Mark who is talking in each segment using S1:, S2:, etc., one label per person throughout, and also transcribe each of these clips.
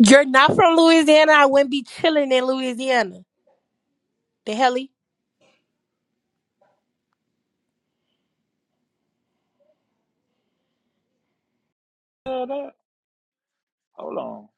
S1: You're not from Louisiana. I wouldn't be chilling in Louisiana. The hell?
S2: Hold up. Hold on.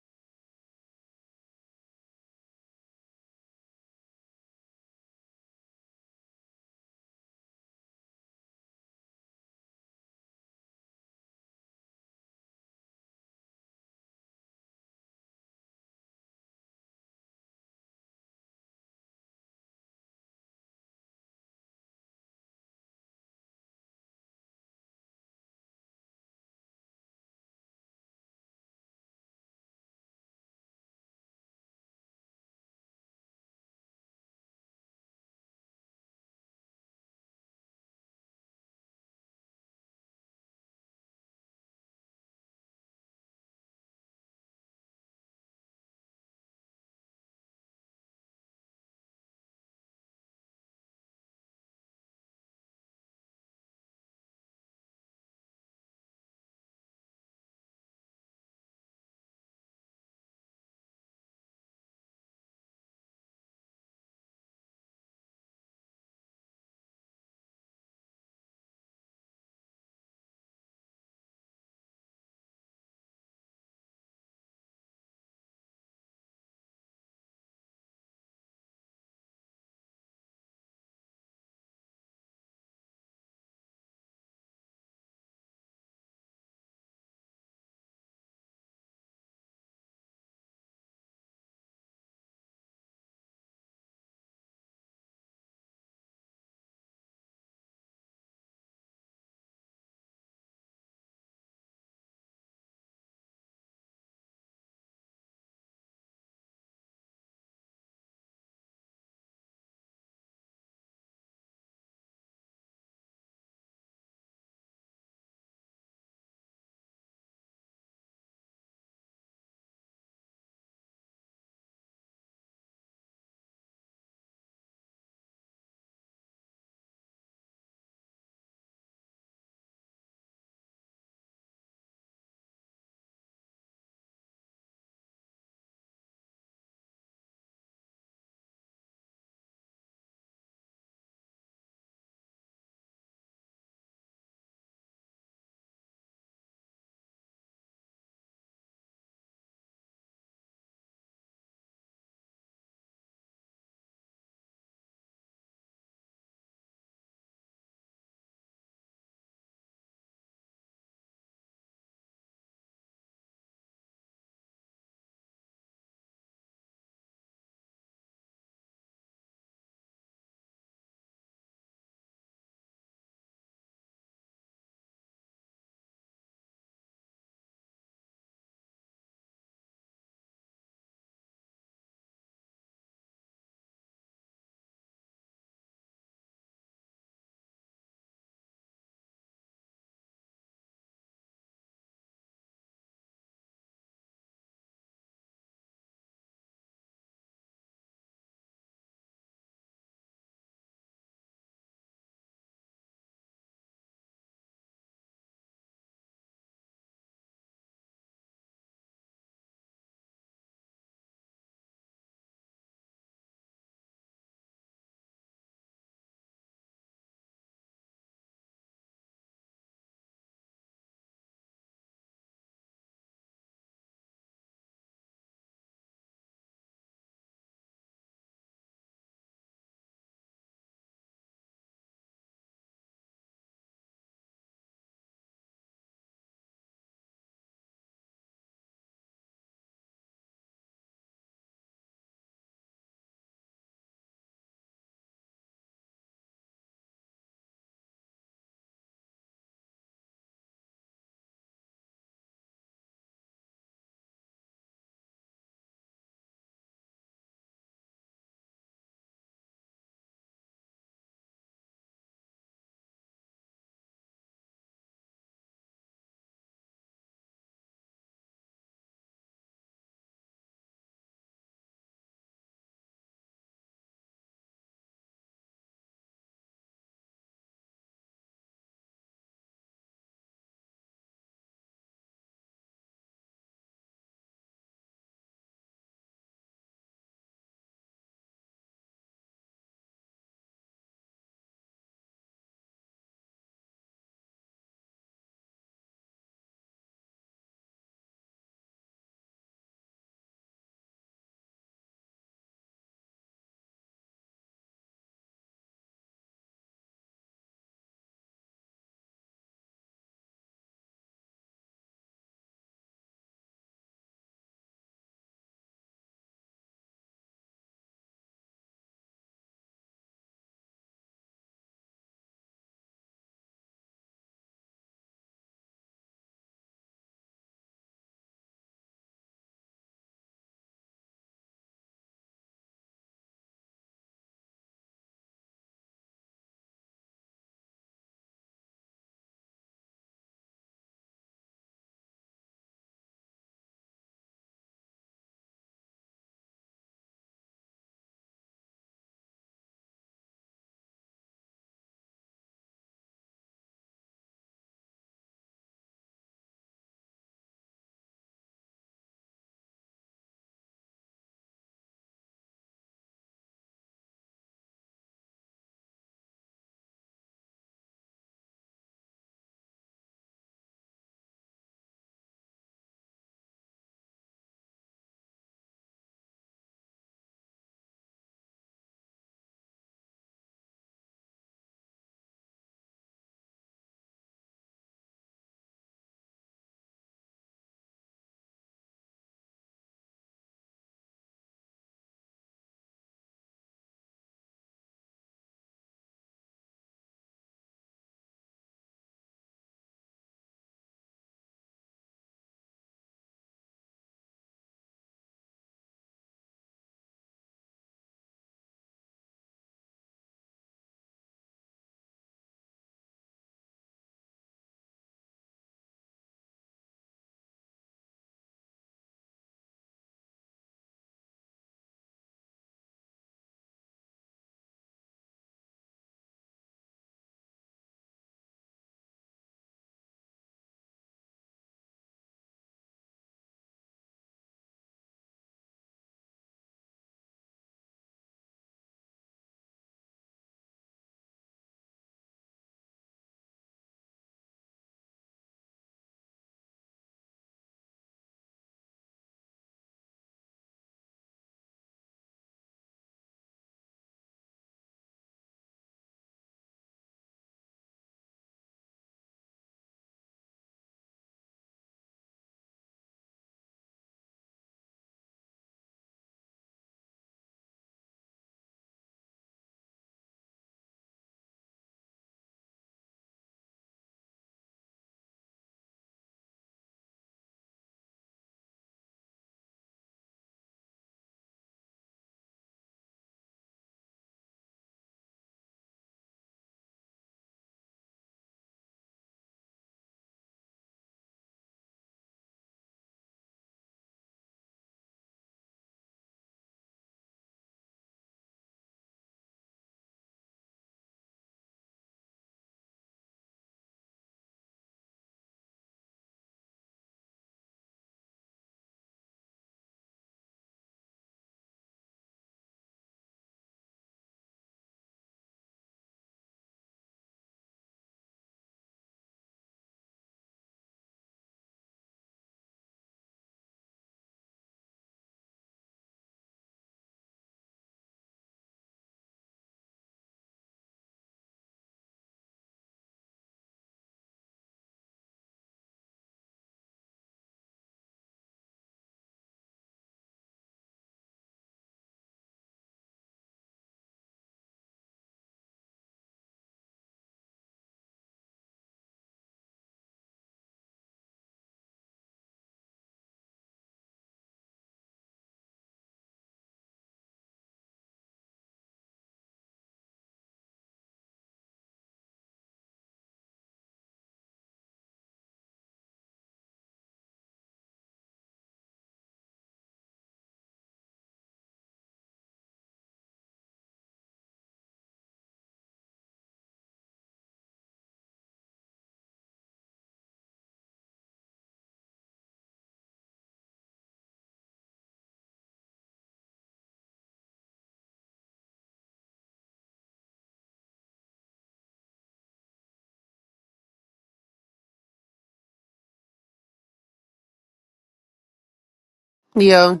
S3: Yo,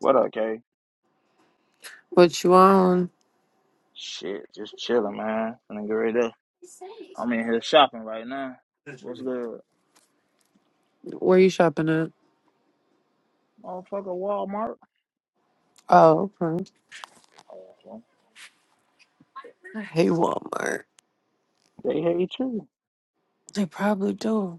S2: What up, K?
S3: what you on?
S2: Shit, just chilling, man. Nigga, right there. I'm in here shopping right now. What's good?
S3: Where you shopping at?
S2: Motherfucker Walmart.
S3: Oh, okay.
S2: Oh, well,
S3: I hate Walmart.
S2: They hate you.
S3: They probably do.